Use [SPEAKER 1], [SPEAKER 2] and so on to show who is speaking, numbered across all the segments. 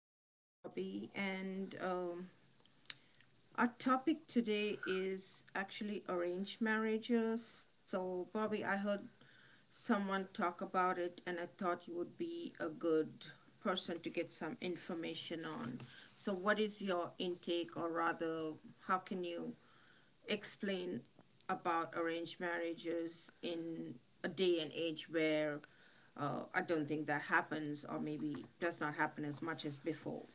[SPEAKER 1] Welcome, Bobby. And Our topic today is actually arranged marriages. So, Bobby, I heard someone talk about it, and I thought you would be a good person to get some information on. So, what is your intake, or rather, how can you explain about arranged marriages in a day and age where I don't think that happens, or maybe does not happen as much as before.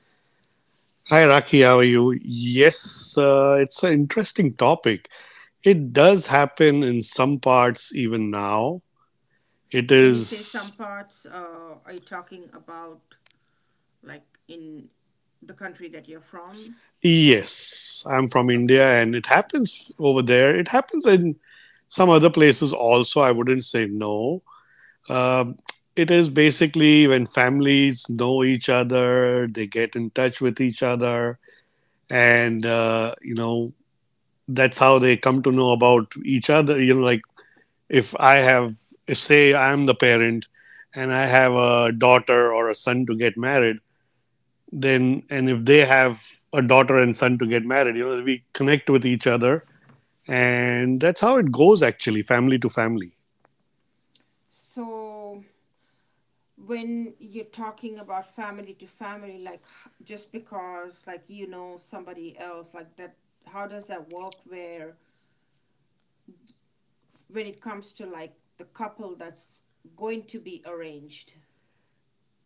[SPEAKER 2] Hi, Raki. How are you? Yes, it's an interesting topic. It does happen in some parts even now. It
[SPEAKER 1] When you say some
[SPEAKER 2] is,
[SPEAKER 1] parts, are you talking about like in the country that you're from?
[SPEAKER 2] yes, I'm from
[SPEAKER 1] Okay.
[SPEAKER 2] India and it happens over there. It happens in some other places also. I wouldn't say no. Um it is basically when families know each other, they get in touch with each other, and, you know, that's how they come to know about each other, you know, like if I have, if say I'm the parent and I have a daughter or a son to get married, then, and if they have a daughter and son to get married, you know, we connect with each other. And that's how it goes actually, family to family.
[SPEAKER 1] So when you're talking about family to family, like just because like you know somebody else, like that, how does that work? Where when it comes to like the couple that's going to be arranged.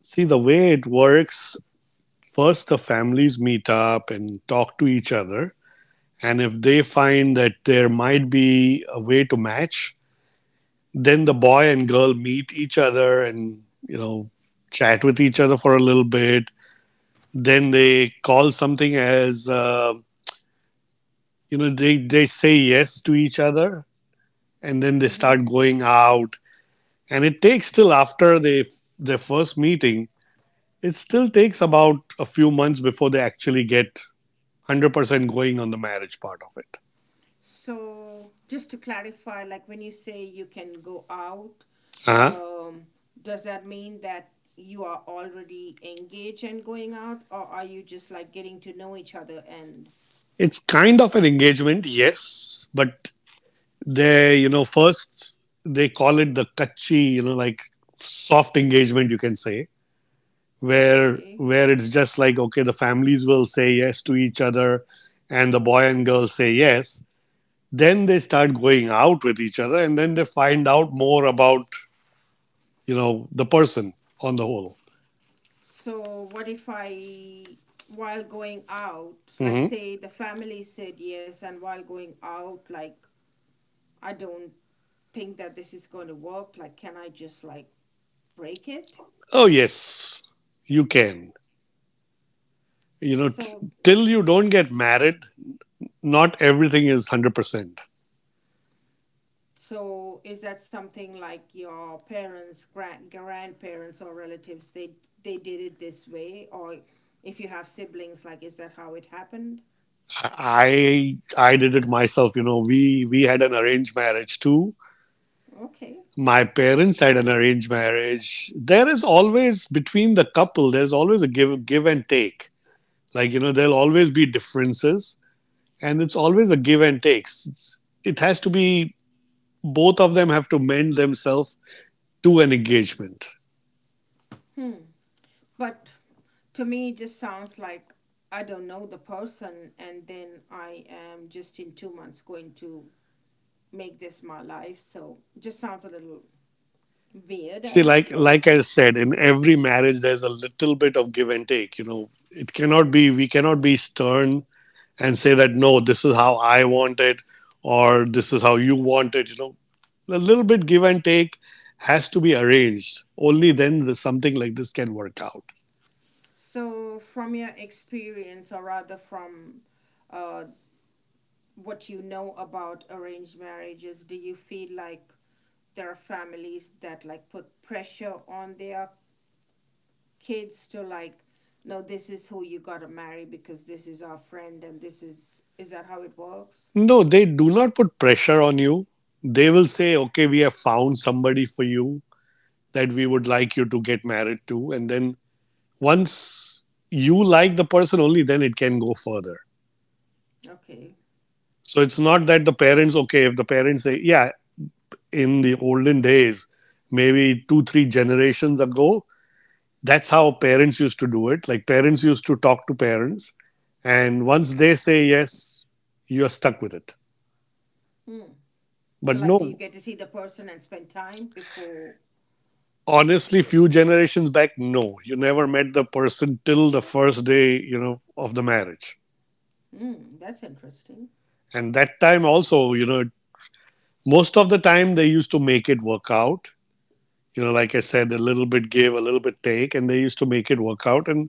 [SPEAKER 2] See, the way it works, first the families meet up and talk to each other. And if they find that there might be a way to match, then the boy and girl meet each other and, you know, chat with each other for a little bit, then they call something as you know, they say yes to each other, and then they
[SPEAKER 1] Mm-hmm.
[SPEAKER 2] start going out. And it takes till after they, their first meeting, it still takes about a few months before they actually get 100% going on the marriage part of it.
[SPEAKER 1] So, just to clarify, like when you say you can go out,
[SPEAKER 2] uh
[SPEAKER 1] um, does that mean that you are already engaged and going out, or are you just like getting to know each other? And
[SPEAKER 2] it's kind of an engagement, yes, but they, you know, first they call it the kachi, you know, like soft engagement, you can say, where
[SPEAKER 1] okay,
[SPEAKER 2] it's just like, okay, the families will say yes to each other and the boy and girl say yes, then they start going out with each other and then they find out more about, you know, the person on the whole.
[SPEAKER 1] so what if I, while going out, like
[SPEAKER 2] Hmm.
[SPEAKER 1] say the family said yes, and while going out, like I don't think that this is going to work. Like, can I just like break it?
[SPEAKER 2] Oh yes, you can, you know,
[SPEAKER 1] So,
[SPEAKER 2] till you don't get married, not everything is 100%.
[SPEAKER 1] so is that something like your parents, grand, grandparents, or relatives? They did it this way, or if you have siblings, like is that how it happened?
[SPEAKER 2] I did it myself, you know, we had an arranged marriage too.
[SPEAKER 1] Okay,
[SPEAKER 2] My parents had an arranged marriage. There is always between the couple, there's always a give and take. Like, you know, there'll always be differences, and it's always a give and take. It has to be, both of them have to mend themselves to an engagement.
[SPEAKER 1] hmm. But to me, it just sounds like I don't know the person, and then I am just in 2 months going to make this my life. So just sounds a little weird, I
[SPEAKER 2] See,
[SPEAKER 1] would
[SPEAKER 2] like
[SPEAKER 1] say.
[SPEAKER 2] like I said, in every marriage there's a little bit of give and take. You know, it cannot be, we cannot be stern and say that no, this is how I want it, or this is how you want it. You know, a little bit give and take has to be arranged. Only then the, something like this can work out.
[SPEAKER 1] So, from your experience, or rather from uh, what you know about arranged marriages, do you feel like there are families that like put pressure on their kids to like, no, this is who you gotta marry because this is our friend and this is that how it works?
[SPEAKER 2] No, they do not put pressure on you. They will say, okay, we have found somebody for you that we would like you to get married to. And then once you like the person, only then it can go further.
[SPEAKER 1] Okay.
[SPEAKER 2] So it's not that the parents, okay, if the parents say, yeah, in the olden days, maybe two, three generations ago, that's how parents used to do it. Like parents used to talk to parents, and once they say yes, you're stuck with it.
[SPEAKER 1] Hmm.
[SPEAKER 2] But
[SPEAKER 1] So, like, do you
[SPEAKER 2] no,
[SPEAKER 1] get to see the person and spend time before?
[SPEAKER 2] honestly, few generations back, no, you never met the person till the first day, you know, of the marriage.
[SPEAKER 1] Hmm, that's interesting.
[SPEAKER 2] And that time also, you know, most of the time they used to make it work out. You know, like I said, a little bit give, a little bit take, and they used to make it work out. And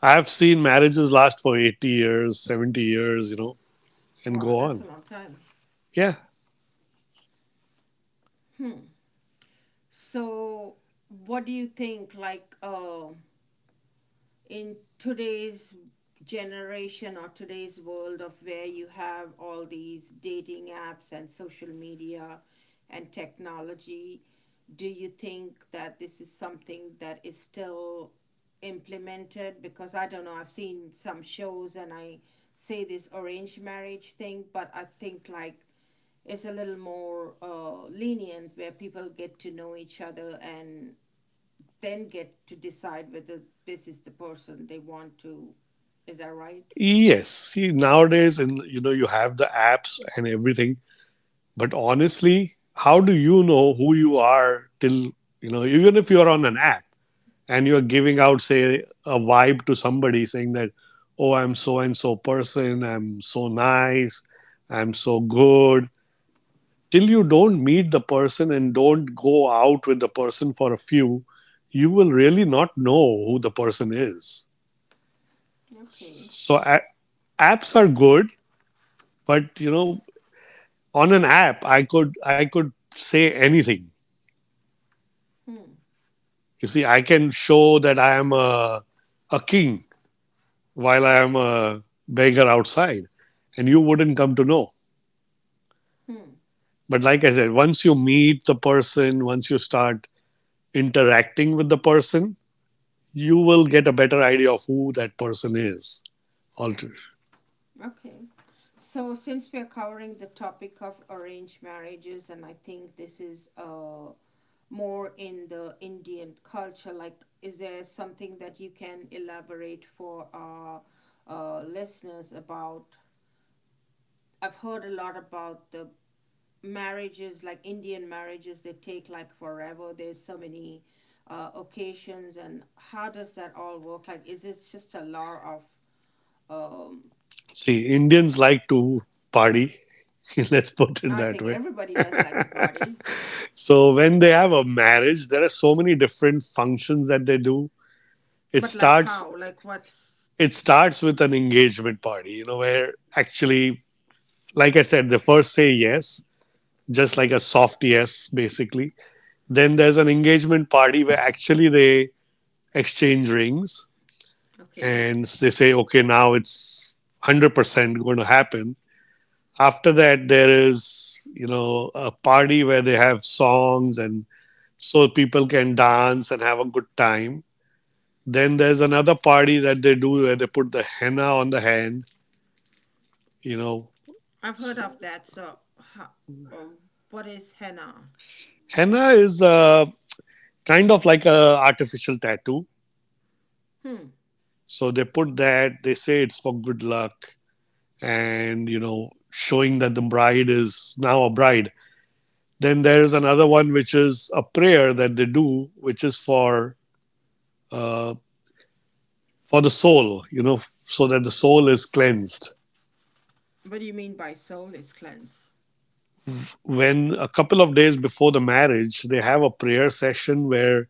[SPEAKER 2] I've seen marriages last for 80 years, 70 years, you know, and
[SPEAKER 1] Wow,
[SPEAKER 2] go
[SPEAKER 1] that's a
[SPEAKER 2] on.
[SPEAKER 1] long time.
[SPEAKER 2] Yeah.
[SPEAKER 1] So, what do you think? Like, in today's generation or today's world of where you have all these dating apps and social media and technology, do you think that this is something that is still implemented? Because I don't know, I've seen some shows and I say this arranged marriage thing, but I think like it's a little more lenient where people get to know each other and then get to decide whether this is the person they want to. Is that right?
[SPEAKER 2] Yes. See, nowadays, in, you know, you have the apps and everything. But honestly, how do you know who you are till you know? Even if you are on an app and you are giving out, say, a vibe to somebody, saying that, "Oh, I'm so and so person. I'm so nice. I'm so good." Till you don't meet the person and don't go out with the person for a few, you will really not know who the person is.
[SPEAKER 1] Okay.
[SPEAKER 2] So apps are good, but you know, on an app, I could say anything.
[SPEAKER 1] Hmm.
[SPEAKER 2] You see, I can show that I am a king while I am a beggar outside, and you wouldn't come to know.
[SPEAKER 1] Hmm.
[SPEAKER 2] But like I said, once you meet the person, once you start interacting with the person, you will get a better idea of who that person is. Alter,
[SPEAKER 1] Okay. So since we are covering the topic of arranged marriages, and I think this is more in the Indian culture, like is there something that you can elaborate for our listeners about? I've heard a lot about the marriages like Indian marriages. They take like forever. There's so many occasions and how does that all work? Like is it just a lot of um,
[SPEAKER 2] see, Indians like to party. Let's put it
[SPEAKER 1] I
[SPEAKER 2] that
[SPEAKER 1] think
[SPEAKER 2] way.
[SPEAKER 1] everybody does like to party.
[SPEAKER 2] So when they have a marriage, there are so many different functions that they do. It
[SPEAKER 1] But like
[SPEAKER 2] starts
[SPEAKER 1] how, like what's
[SPEAKER 2] it starts with an engagement party, you know, where actually, like I said, they first say yes, just like a soft yes, basically. Then there's an engagement party where actually they exchange rings
[SPEAKER 1] okay.
[SPEAKER 2] and they say, okay, now it's 100% going to happen. After that, there is, you know, a party where they have songs and so people can dance and have a good time. Then there's another party that they do where they put the henna on the hand, you know.
[SPEAKER 1] I've heard of
[SPEAKER 2] So
[SPEAKER 1] that. So how, oh, what is henna?
[SPEAKER 2] henna is kind of like a artificial tattoo.
[SPEAKER 1] Hmm.
[SPEAKER 2] So they put that, they say it's for good luck, and, you know, showing that the bride is now a bride. Then there is another one which is a prayer that they do, which is uh, for the soul, you know, so that the soul is cleansed.
[SPEAKER 1] What do you mean by soul is cleansed?
[SPEAKER 2] When a couple of days before the marriage, they have a prayer session where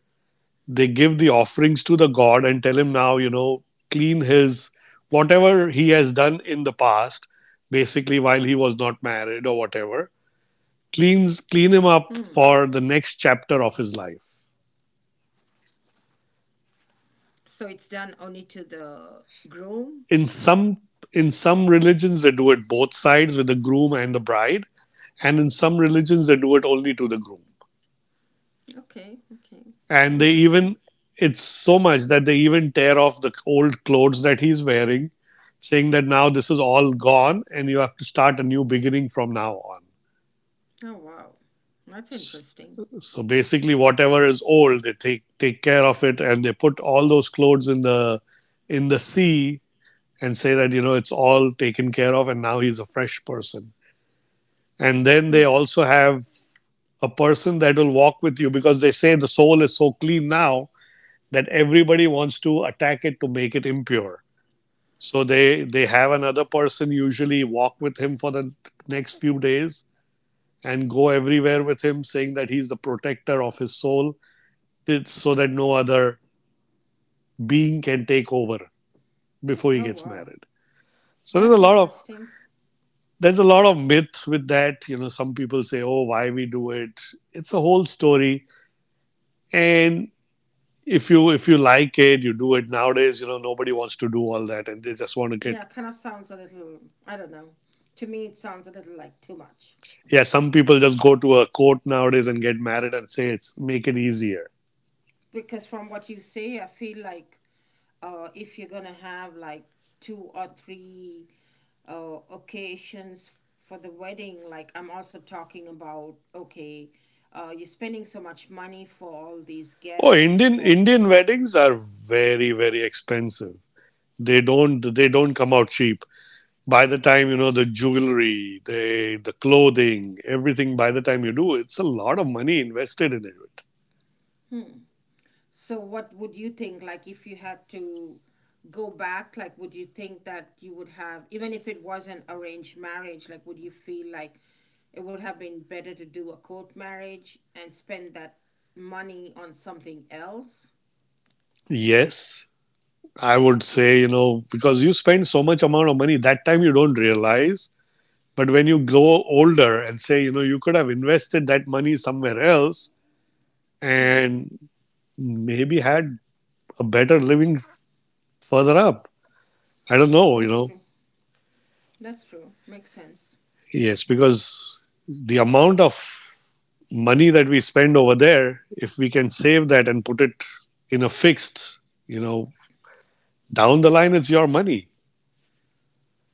[SPEAKER 2] they give the offerings to the god and tell him, now, you know, clean his, whatever he has done in the past, basically while he was not married or whatever, clean
[SPEAKER 1] Hmm,
[SPEAKER 2] him up for the next chapter of his life.
[SPEAKER 1] so it's done only to the groom?
[SPEAKER 2] In some in some religions they do it both sides with the groom and the bride, and in some religions they do it only to the groom.
[SPEAKER 1] Okay, okay.
[SPEAKER 2] And they
[SPEAKER 1] Interesting.
[SPEAKER 2] even, it's so much that they even tear off the old clothes that he's wearing, saying that now this is all gone and you have to start a new beginning from now on.
[SPEAKER 1] Oh, wow. That's interesting.
[SPEAKER 2] So basically whatever is old, they take care of it and they put all those clothes in the sea, and say that, you know, it's all taken care of and now he's a fresh person. And then they
[SPEAKER 1] Hmm.
[SPEAKER 2] also have a person that will walk with you because they say the soul is so clean now that everybody wants to attack it to make it impure. So they have another person usually walk with him for the next few days and go everywhere with him, saying that he's the protector of his soul, so that no other being can take over before he
[SPEAKER 1] Oh,
[SPEAKER 2] gets
[SPEAKER 1] wow.
[SPEAKER 2] married. So
[SPEAKER 1] That's interesting.
[SPEAKER 2] there's a lot of myth with that. You know, some people say, "Oh, why we do it?" It's a whole story, and if you like it, you do it. Nowadays, you know, nobody wants to do all that, and they just want to get.
[SPEAKER 1] Yeah, kind of sounds a little, I don't know. To me, it sounds a little like too much.
[SPEAKER 2] Yeah, some people just go to a court nowadays and get married and say it's, make it easier.
[SPEAKER 1] Because from what you say, I feel like if you're going to have like two or three occasions for the wedding, like I'm also talking about, okay, you're spending so much money for all these
[SPEAKER 2] Oh,
[SPEAKER 1] guests,
[SPEAKER 2] Indian
[SPEAKER 1] for
[SPEAKER 2] Indian weddings are very expensive. They don't come out cheap. By the time, you know, the jewelry, the clothing, everything. By the time you do, it's a lot of money invested in it.
[SPEAKER 1] so what would you think like if you had to go back, like would you think that you would have, even if it was an arranged marriage, like would you feel like it would have been better to do a court marriage and spend that money on something else?
[SPEAKER 2] Yes, I would
[SPEAKER 1] Okay.
[SPEAKER 2] say, you know, because you spend so much amount of money, that time you don't realize. But when you grow older and say, you know, you could have invested that money somewhere else,
[SPEAKER 1] Hmm.
[SPEAKER 2] and maybe had a better living further up. I don't know, you
[SPEAKER 1] That's
[SPEAKER 2] know.
[SPEAKER 1] true. That's true. Makes sense.
[SPEAKER 2] Yes, because the amount of money that we spend over there, if we can save that and put it in a fixed, you know, down the line, it's your money.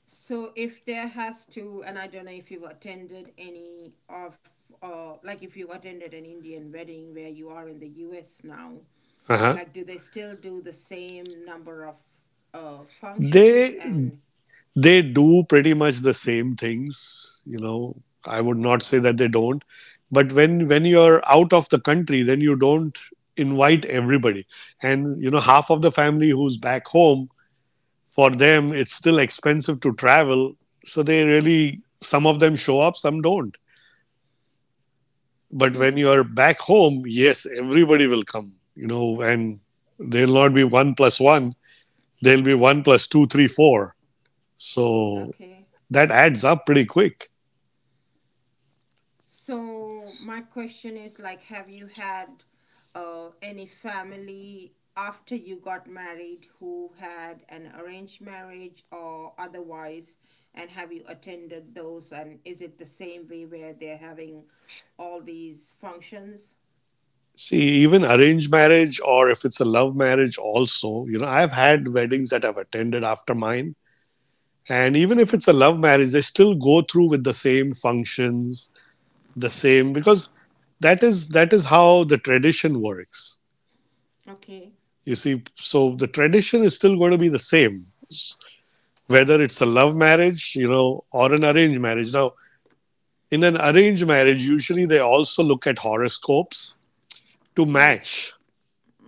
[SPEAKER 1] So if there has to, and I don't know if you've attended any of, like if you attended an Indian wedding where you are in the U.S. now,
[SPEAKER 2] Uh-huh.
[SPEAKER 1] like do they still do the same number of functions
[SPEAKER 2] They,
[SPEAKER 1] and
[SPEAKER 2] do pretty much the same things, you know. I would not say that they don't, but when you're out of the country, then you don't invite everybody, and half of the family who's back home, for them it's still expensive to travel, so they really, some of them show up, some don't. But when
[SPEAKER 1] hmm
[SPEAKER 2] you're back home, yes, everybody will come, and there'll not be one plus one, there'll be one plus two three four, so
[SPEAKER 1] okay.
[SPEAKER 2] that adds up pretty quick.
[SPEAKER 1] So my question is like have you had any family after you got married who had an arranged marriage or otherwise, and have you attended those and is it the same way where they're having all these functions?
[SPEAKER 2] See, even arranged marriage, or if it's a love marriage also, I've had weddings that I've attended after mine. And even if
[SPEAKER 1] Mm-hmm.
[SPEAKER 2] it's a love marriage, they still go through with the same functions, the same, because that is how the tradition works.
[SPEAKER 1] Okay,
[SPEAKER 2] You see, so the tradition is still going to be the same, whether it's a love marriage, or an arranged marriage. Now, in an arranged marriage, usually they also look at horoscopes to
[SPEAKER 1] what is
[SPEAKER 2] match.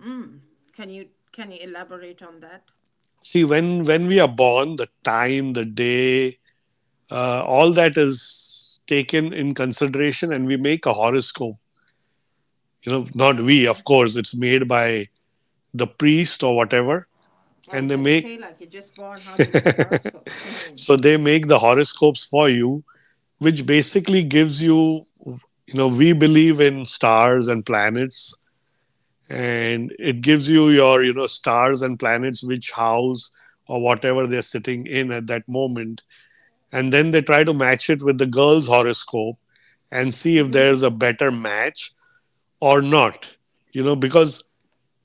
[SPEAKER 1] mm, can you elaborate on that?
[SPEAKER 2] See, when we are born, the time, the day, all that is taken in consideration, and we make a horoscope. Not we, of
[SPEAKER 1] Okay.
[SPEAKER 2] course, it's made by the priest or whatever,
[SPEAKER 1] I
[SPEAKER 2] and
[SPEAKER 1] was
[SPEAKER 2] they
[SPEAKER 1] gonna
[SPEAKER 2] make.
[SPEAKER 1] say, like, you're just born. How do you make a horoscope? Mm-hmm.
[SPEAKER 2] So they make the horoscopes for you, which basically gives you, we believe in stars and planets, and it gives you your, stars and planets, which house or whatever they're sitting in at that moment. And then they try to match it with the girl's horoscope and see if there's a better match or not. Because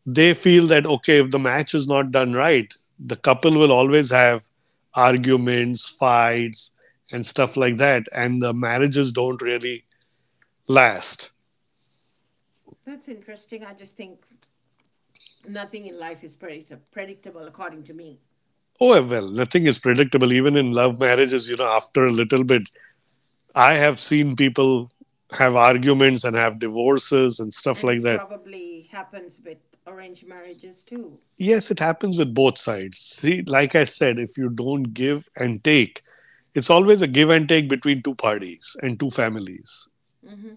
[SPEAKER 2] they feel that, okay, if the match is not done right, the couple will always have arguments, fights, and stuff like that, and the marriages don't really last.
[SPEAKER 1] That's interesting. I just think nothing in life is predictable, according to me,
[SPEAKER 2] Oh, well, nothing is predictable. Even in love marriages, after a little bit, I have seen people have arguments and have divorces and stuff
[SPEAKER 1] and
[SPEAKER 2] like
[SPEAKER 1] it's
[SPEAKER 2] that.
[SPEAKER 1] probably happens with arranged marriages too.
[SPEAKER 2] Yes, it happens with both sides. See, like I said, if you don't give and take, it's always a give and take between two parties and two families.
[SPEAKER 1] Mm-hmm.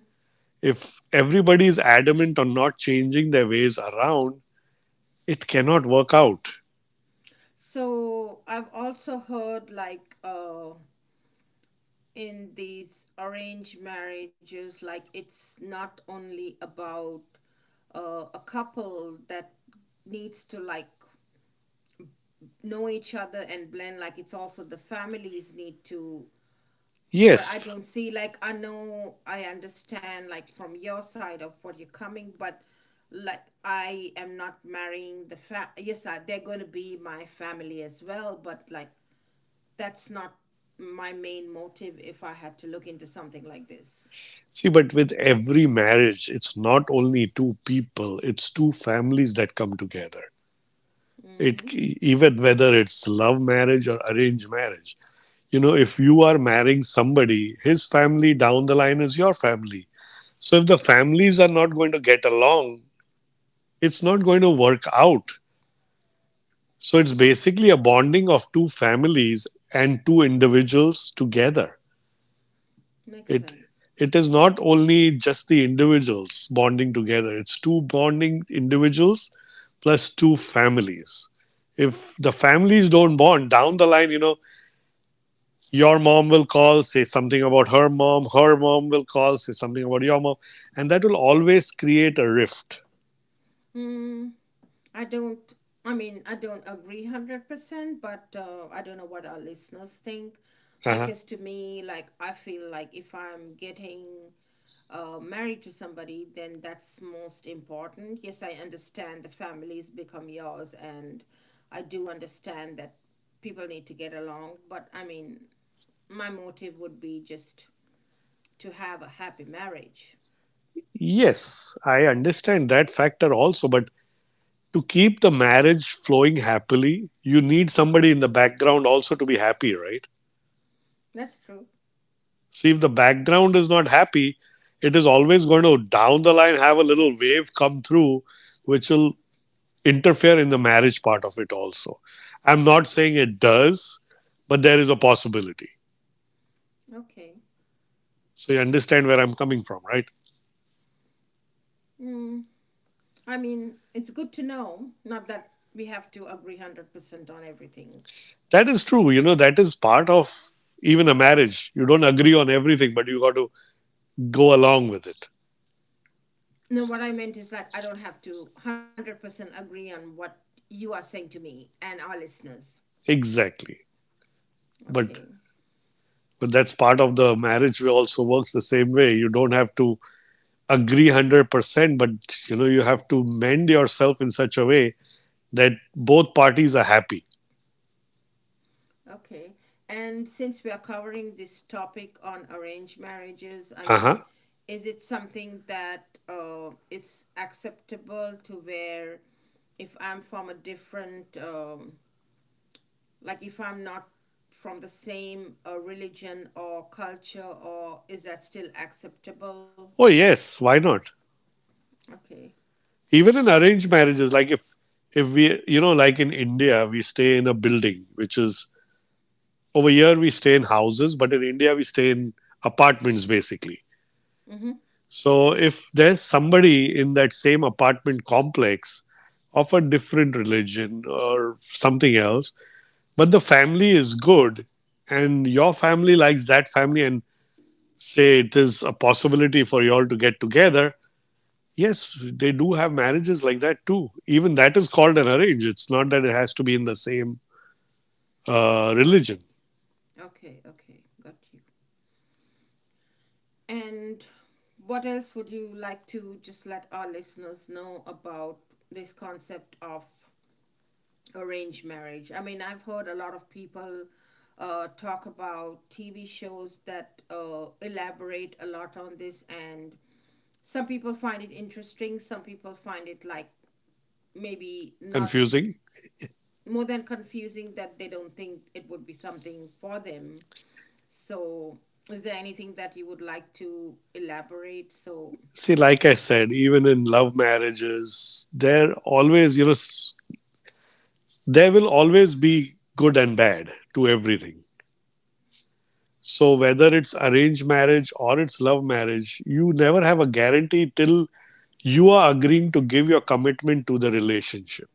[SPEAKER 2] If everybody is adamant on not changing their ways around, it cannot work out.
[SPEAKER 1] So I've also heard like in these arranged marriages, like it's not only about a couple that needs to like know each other and blend. Like it's also the families need to, but I
[SPEAKER 2] Yes.
[SPEAKER 1] don't see like I know I understand like from your side of what you're coming, but like I am not marrying the fa, yes, I, they're going to be my family as well, but like that's not my main motive if I had to look into something like this.
[SPEAKER 2] See, but with every marriage, it's not only two people, it's two families that come together.
[SPEAKER 1] Mm-hmm.
[SPEAKER 2] It Even whether it's love marriage or arranged marriage. If you are marrying somebody, his family down the line is your family. So if the families are not going to get along, it's not going to work out. So it's basically a bonding of two families and two individuals together.
[SPEAKER 1] Makes
[SPEAKER 2] It
[SPEAKER 1] sense.
[SPEAKER 2] it is not only just the individuals bonding together. It's two bonding individuals plus two families. If the families don't bond down the line, your mom will call, say something about her mom will call, say something about your mom, and that will always create a rift.
[SPEAKER 1] Mm. I don't. I mean, I don't agree 100%, but I don't know what our listeners think,
[SPEAKER 2] Uh-huh.
[SPEAKER 1] because to me, like I feel like if I'm getting married to somebody, then that's most important. Yes, I understand the families become yours, and I do understand that people need to get along. But I mean, my motive would be just to have a happy marriage.
[SPEAKER 2] Yes, I understand that factor also, but to keep the marriage flowing happily, you need somebody in the background also to be happy, right?
[SPEAKER 1] That's true.
[SPEAKER 2] See, if the background is not happy, it is always going to down the line have a little wave come through, which will interfere in the marriage part of it also. I'm not saying it does, but there is a possibility.
[SPEAKER 1] Okay.
[SPEAKER 2] So you understand where I'm coming from, right?
[SPEAKER 1] Mm. I mean, it's good to know, not that we have to agree 100% on everything.
[SPEAKER 2] That is true. That is part of even a marriage. You don't agree on everything, but you got to go along with it.
[SPEAKER 1] No, what I meant is like, I don't have to 100% agree on what you are saying to me and our listeners.
[SPEAKER 2] Exactly. But
[SPEAKER 1] Okay,
[SPEAKER 2] But that's part of the marriage way also works the same way. You don't have to agree 100%, but you have to mend yourself in such a way that both parties are happy.
[SPEAKER 1] okay. And since we are covering this topic on arranged marriages, I
[SPEAKER 2] Uh
[SPEAKER 1] mean,
[SPEAKER 2] huh.
[SPEAKER 1] is it something that is acceptable to where if I'm from a different like if I'm not from the same religion or culture, or is that still acceptable?
[SPEAKER 2] Oh, yes. Why not?
[SPEAKER 1] Okay.
[SPEAKER 2] Even in arranged marriages, like if we, like in India, we stay in a building, which is, over here we stay in houses, but in India we stay in apartments basically.
[SPEAKER 1] Mm-hmm.
[SPEAKER 2] So if there's somebody in that same apartment complex of a different religion or something else, but the family is good and your family likes that family and say it is a possibility for you all to get together, yes, they do have marriages like that too. Even that is called an arrange. It's not that it has to be in the same religion.
[SPEAKER 1] Okay, okay, okay, got you. And what else would you like to just let our listeners know about this concept of arranged marriage? I mean, I've heard a lot of people talk about TV shows that elaborate a lot on this, and some people find it interesting, some people find it like maybe not
[SPEAKER 2] Confusing.
[SPEAKER 1] more than confusing, that they don't think it would be something for them. So, is there anything that you would like to elaborate? So,
[SPEAKER 2] See, like I said, even in love marriages, they're always, there will always be good and bad to everything. So whether it's arranged marriage or it's love marriage, you never have a guarantee till you are agreeing to give your commitment to the relationship.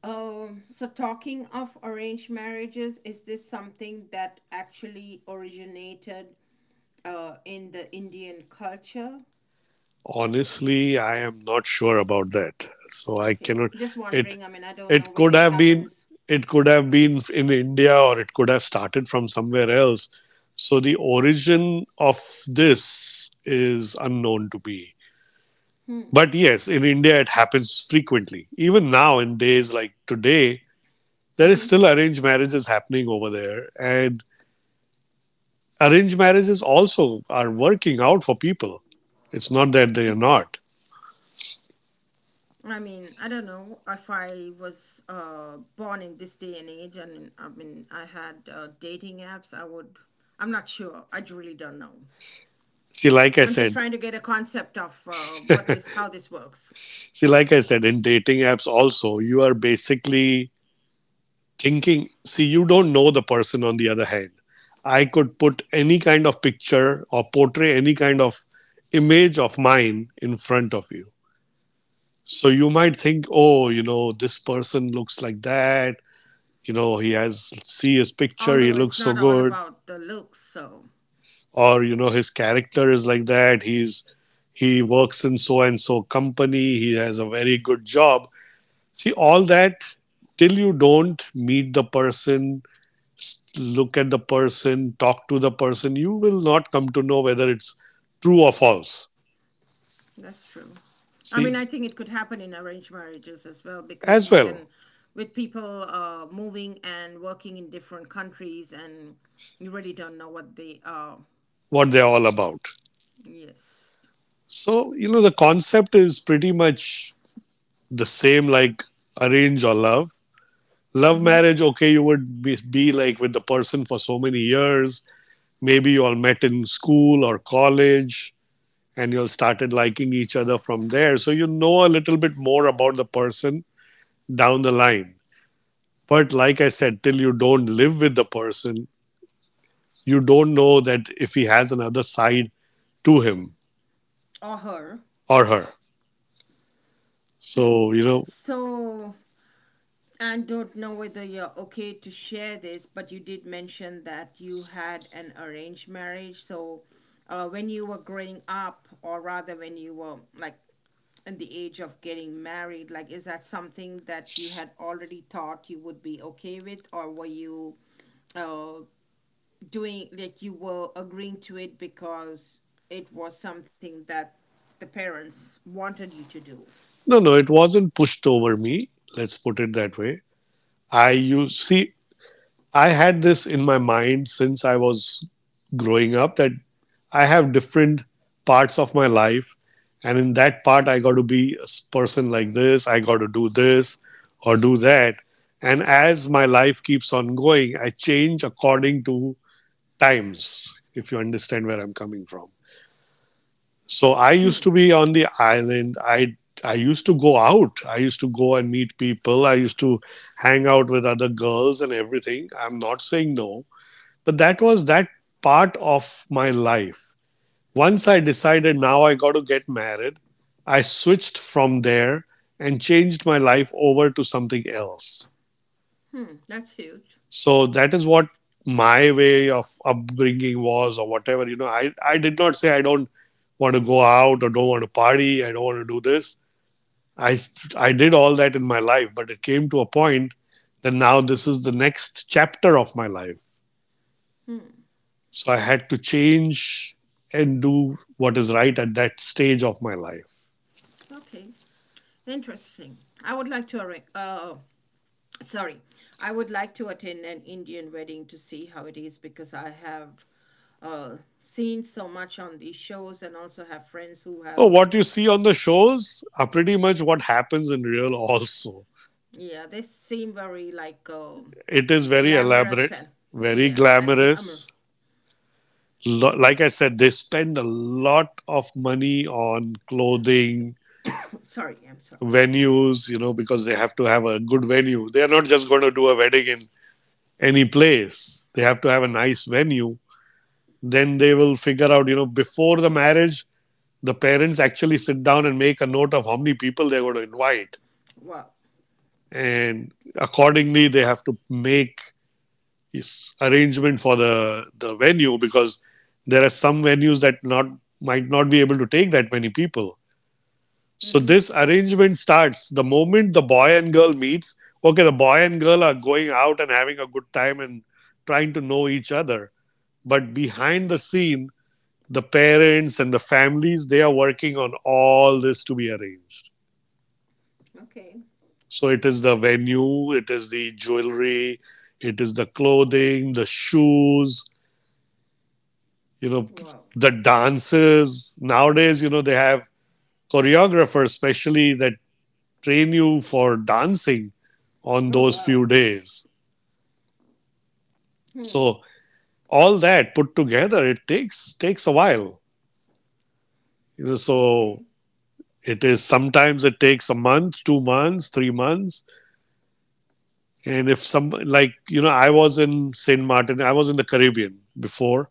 [SPEAKER 1] so talking of arranged marriages, is this something that actually originated in the Indian culture?
[SPEAKER 2] Honestly, I am not sure about that. So I
[SPEAKER 1] Okay,
[SPEAKER 2] cannot.
[SPEAKER 1] just
[SPEAKER 2] It
[SPEAKER 1] wondering. I mean, I don't know
[SPEAKER 2] it
[SPEAKER 1] whether
[SPEAKER 2] could
[SPEAKER 1] it
[SPEAKER 2] have been
[SPEAKER 1] happens.
[SPEAKER 2] it could have been in India, or it could have started from somewhere else. So the origin of this is unknown to me.
[SPEAKER 1] Hmm.
[SPEAKER 2] But yes, in India it happens frequently. Even now in days like today, there is
[SPEAKER 1] Mm-hmm.
[SPEAKER 2] still arranged marriages happening over there. And arranged marriages also are working out for people. It's not that they are not.
[SPEAKER 1] I mean, I don't know if I was born in this day and age, and I mean, I had dating apps. I would. I'm not sure. I really don't know.
[SPEAKER 2] See, like I
[SPEAKER 1] I'm just
[SPEAKER 2] said,
[SPEAKER 1] trying to get a concept of what this, how this works.
[SPEAKER 2] see, like I said, in dating apps also, you are basically thinking, see, you don't know the person on the other hand. I could put any kind of picture or portray any kind of image of mine in front of you. So you might think, oh, this person looks like that. He has, see his picture, he
[SPEAKER 1] Although
[SPEAKER 2] looks
[SPEAKER 1] it's
[SPEAKER 2] so
[SPEAKER 1] not all
[SPEAKER 2] good.
[SPEAKER 1] about the looks, so
[SPEAKER 2] Or, his character is like that. He works in so and so company. He has a very good job. See, all that till you don't meet the person, look at the person, talk to the person, you will not come to know whether it's true or false.
[SPEAKER 1] that's true. I mean, I
[SPEAKER 2] See,
[SPEAKER 1] think it could happen in arranged marriages as well, because
[SPEAKER 2] as
[SPEAKER 1] you can,
[SPEAKER 2] well,
[SPEAKER 1] with people moving and working in different countries, and you really don't know what they are.
[SPEAKER 2] what they're all about.
[SPEAKER 1] Yes.
[SPEAKER 2] So, the concept is pretty much the same, like arrange or love. Love
[SPEAKER 1] Mm-hmm.
[SPEAKER 2] marriage, okay, you would be like with the person for so many years. Maybe you all met in school or college, and you all started liking each other from there. So you know a little bit more about the person down the line. But like I said, till you don't live with the person, you don't know that if he has another side to him
[SPEAKER 1] Or her.
[SPEAKER 2] or her. So,
[SPEAKER 1] So I don't know whether you're okay to share this, but you did mention that you had an arranged marriage. So when you were growing up, or rather when you were like in the age of getting married, like is that something that you had already thought you would be okay with, or were you uh, doing like you were agreeing to it because it was something that the parents wanted you to do?
[SPEAKER 2] no, no, it wasn't pushed over me. Let's put it that way. I You see, I had this in my mind since I was growing up that I have different parts of my life. And in that part, I got to be a person like this. I got to do this or do that. And as my life keeps on going, I change according to times, if you understand where I'm coming from. So I used to be on the island. I used to go out. I used to go and meet people. I used to hang out with other girls and everything. I'm not saying no, but that was that part of my life. Once I decided, now I got to get married, I switched from there and changed my life over to something else.
[SPEAKER 1] Hmm, that's huge.
[SPEAKER 2] So that is what my way of upbringing was, or whatever. I did not say I don't want to go out, or don't want to party, I don't want to do this. I, I did all that in my life, but it came to a point that now this is the next chapter of my life. So I had to change and do what is right at that stage of my life.
[SPEAKER 1] Okay. Interesting. I would like to arrange. Sorry, I would like to attend an Indian wedding to see how it is because I have seen so much on these shows and also have friends who have.
[SPEAKER 2] Oh, what you see on the shows are pretty much what happens in real, also.
[SPEAKER 1] Yeah, they seem very like
[SPEAKER 2] It is very
[SPEAKER 1] glamorous
[SPEAKER 2] elaborate,
[SPEAKER 1] and
[SPEAKER 2] very
[SPEAKER 1] yeah and glamour.
[SPEAKER 2] glamorous. Like I said, they spend a lot of money on clothing,
[SPEAKER 1] Sorry, I'm sorry.
[SPEAKER 2] venues, because they have to have a good venue. They are not just going to do a wedding in any place. They have to have a nice venue. Then they will figure out, before the marriage, the parents actually sit down and make a note of how many people they're going to invite,
[SPEAKER 1] Wow.
[SPEAKER 2] and accordingly they have to make arrangement for the venue, because there are some venues that not might not be able to take that many people. So
[SPEAKER 1] Mm-hmm.
[SPEAKER 2] this arrangement starts the moment the boy and girl meets. Okay, the boy and girl are going out and having a good time and trying to know each other, but behind the scene, the parents and the families, they are working on all this to be arranged.
[SPEAKER 1] Okay.
[SPEAKER 2] So it is the venue, it is the jewelry, it is the clothing, the shoes, you know,
[SPEAKER 1] Wow.
[SPEAKER 2] the dances. Nowadays, they have choreographers, especially that train you for dancing on
[SPEAKER 1] Oh
[SPEAKER 2] those few
[SPEAKER 1] wow.
[SPEAKER 2] days.
[SPEAKER 1] Hmm.
[SPEAKER 2] So all that put together, it takes a while. So
[SPEAKER 1] Okay.
[SPEAKER 2] it is sometimes it takes a month, 2 months, 3 months. And if some like you know, I was in Saint Martin, I was in the Caribbean before,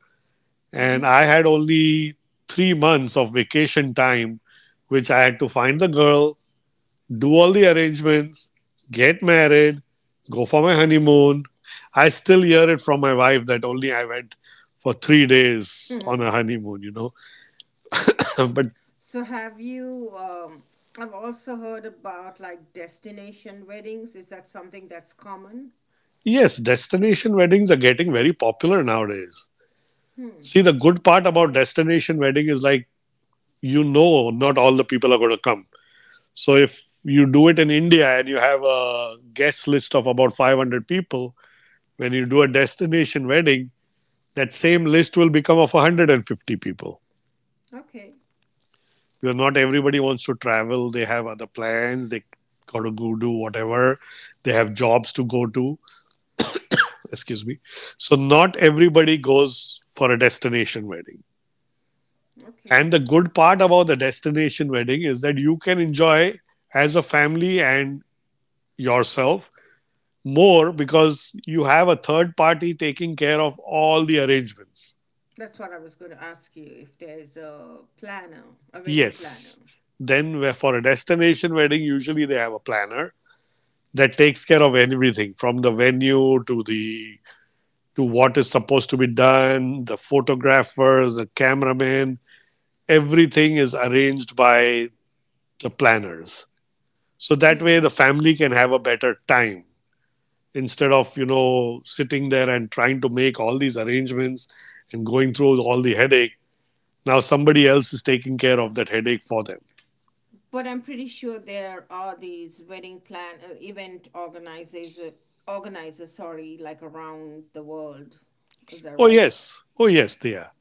[SPEAKER 1] Mm-hmm.
[SPEAKER 2] and I had only 3 months of vacation time, which I had to find the girl, do all the arrangements, get married, go for my honeymoon. I still hear it from my wife that only I went for 3 days on a
[SPEAKER 1] Hmm.
[SPEAKER 2] honeymoon. But
[SPEAKER 1] So have you um, I've also heard about like destination weddings. Is that something that's common?
[SPEAKER 2] yes, destination weddings are getting very popular nowadays.
[SPEAKER 1] Hmm.
[SPEAKER 2] See, the good part about destination wedding is like, not all the people are going to come. So if you do it in India and you have a guest list of about 500 people, when you do a destination wedding, that same list will become of 150 people.
[SPEAKER 1] Okay.
[SPEAKER 2] Because not everybody wants to travel. They have other plans. They got to go do whatever. They have jobs to go to. Excuse me. So not everybody goes for a destination wedding.
[SPEAKER 1] Okay.
[SPEAKER 2] And the good part about the destination wedding is that you can enjoy as a family and yourself more, because you have a third party taking care of all the arrangements.
[SPEAKER 1] That's what I was going to ask you, if there's a planner, a wedding planner.
[SPEAKER 2] Yes. Then, for a destination wedding, usually they have a planner that takes care of everything, from the venue to the to what is supposed to be done, the photographers, the cameraman, everything is arranged by the planners. So that
[SPEAKER 1] Hmm.
[SPEAKER 2] way the family can have a better time instead of, sitting there and trying to make all these arrangements and going through all the headache. Now somebody else is taking care of that headache for them.
[SPEAKER 1] But I'm pretty sure there are these wedding plan event organizers, sorry, like around the world. Is that
[SPEAKER 2] Oh,
[SPEAKER 1] right?
[SPEAKER 2] yes. Oh, yes, they are.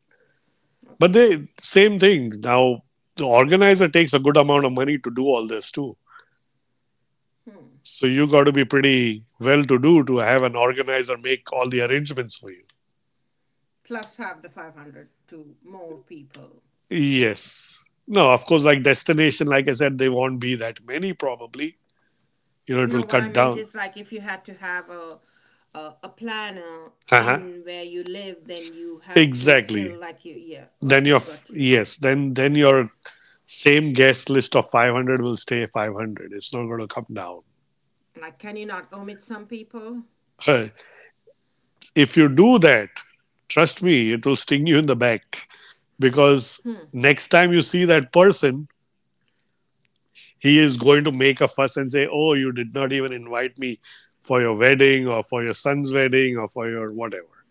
[SPEAKER 2] But
[SPEAKER 1] Okay.
[SPEAKER 2] the same thing. Now, the organizer takes a good amount of money to do all this too.
[SPEAKER 1] Hmm.
[SPEAKER 2] So you got to be pretty well to do to have an organizer make all the arrangements for you.
[SPEAKER 1] Plus have the 500 to more people.
[SPEAKER 2] Yes. No, of course, like destination, like I said, they won't be that many probably. It will
[SPEAKER 1] No, what I
[SPEAKER 2] cut
[SPEAKER 1] meant
[SPEAKER 2] down.
[SPEAKER 1] is like if you had to have a a planner
[SPEAKER 2] Uh-huh.
[SPEAKER 1] in where you live, then you have to
[SPEAKER 2] Exactly.
[SPEAKER 1] still like you. Yeah, okay, got you.
[SPEAKER 2] Yes, then your same guest list of 500 will stay 500. It's not going to come down.
[SPEAKER 1] Like, can you not omit some people?
[SPEAKER 2] If you do that, trust me, it will sting you in the back, because
[SPEAKER 1] Hmm.
[SPEAKER 2] next time you see that person, he is going to make a fuss and say, oh, you did not even invite me for your wedding, or for your son's wedding, or for your whatever.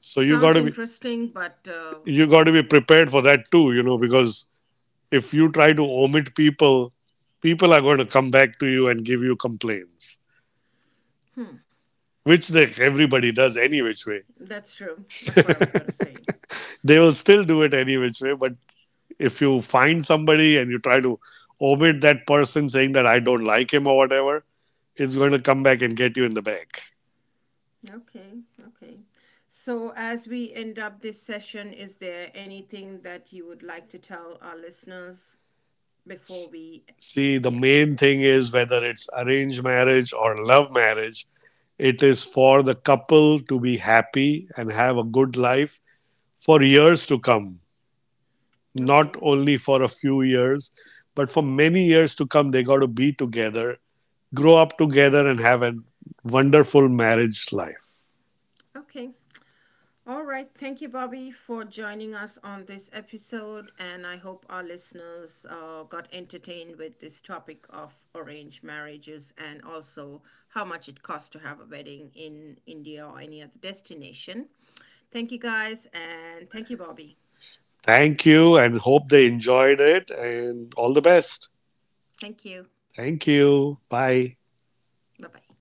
[SPEAKER 2] So you got
[SPEAKER 1] Sounds
[SPEAKER 2] to be
[SPEAKER 1] interesting, but um,
[SPEAKER 2] you got to be prepared for that too, because if you try to omit people, people are going to come back to you and give you complaints, which they, everybody does any which way.
[SPEAKER 1] that's true. That's what I was gonna say.
[SPEAKER 2] They will still do it any which way, but if you find somebody and you try to omit that person, saying that I don't like him or whatever, it's going to come back and get you in the back.
[SPEAKER 1] Okay, okay. So as we end up this session, is there anything that you would like to tell our listeners before we
[SPEAKER 2] See, the
[SPEAKER 1] yeah.
[SPEAKER 2] main thing is, whether it's arranged marriage or love marriage, it is for the couple to be happy and have a good life for years to come,
[SPEAKER 1] Okay.
[SPEAKER 2] not only for a few years, but for many years to come. They got to be together, grow up together, and have a wonderful marriage life.
[SPEAKER 1] Okay. All right. Thank you, Bobby, for joining us on this episode. And I hope our listeners got entertained with this topic of arranged marriages and also how much it costs to have a wedding in India or any other destination. Thank you, guys. And thank you, Bobby.
[SPEAKER 2] Thank you, and hope they enjoyed it, and all the best.
[SPEAKER 1] Thank you.
[SPEAKER 2] Thank you. Bye.
[SPEAKER 1] Bye bye.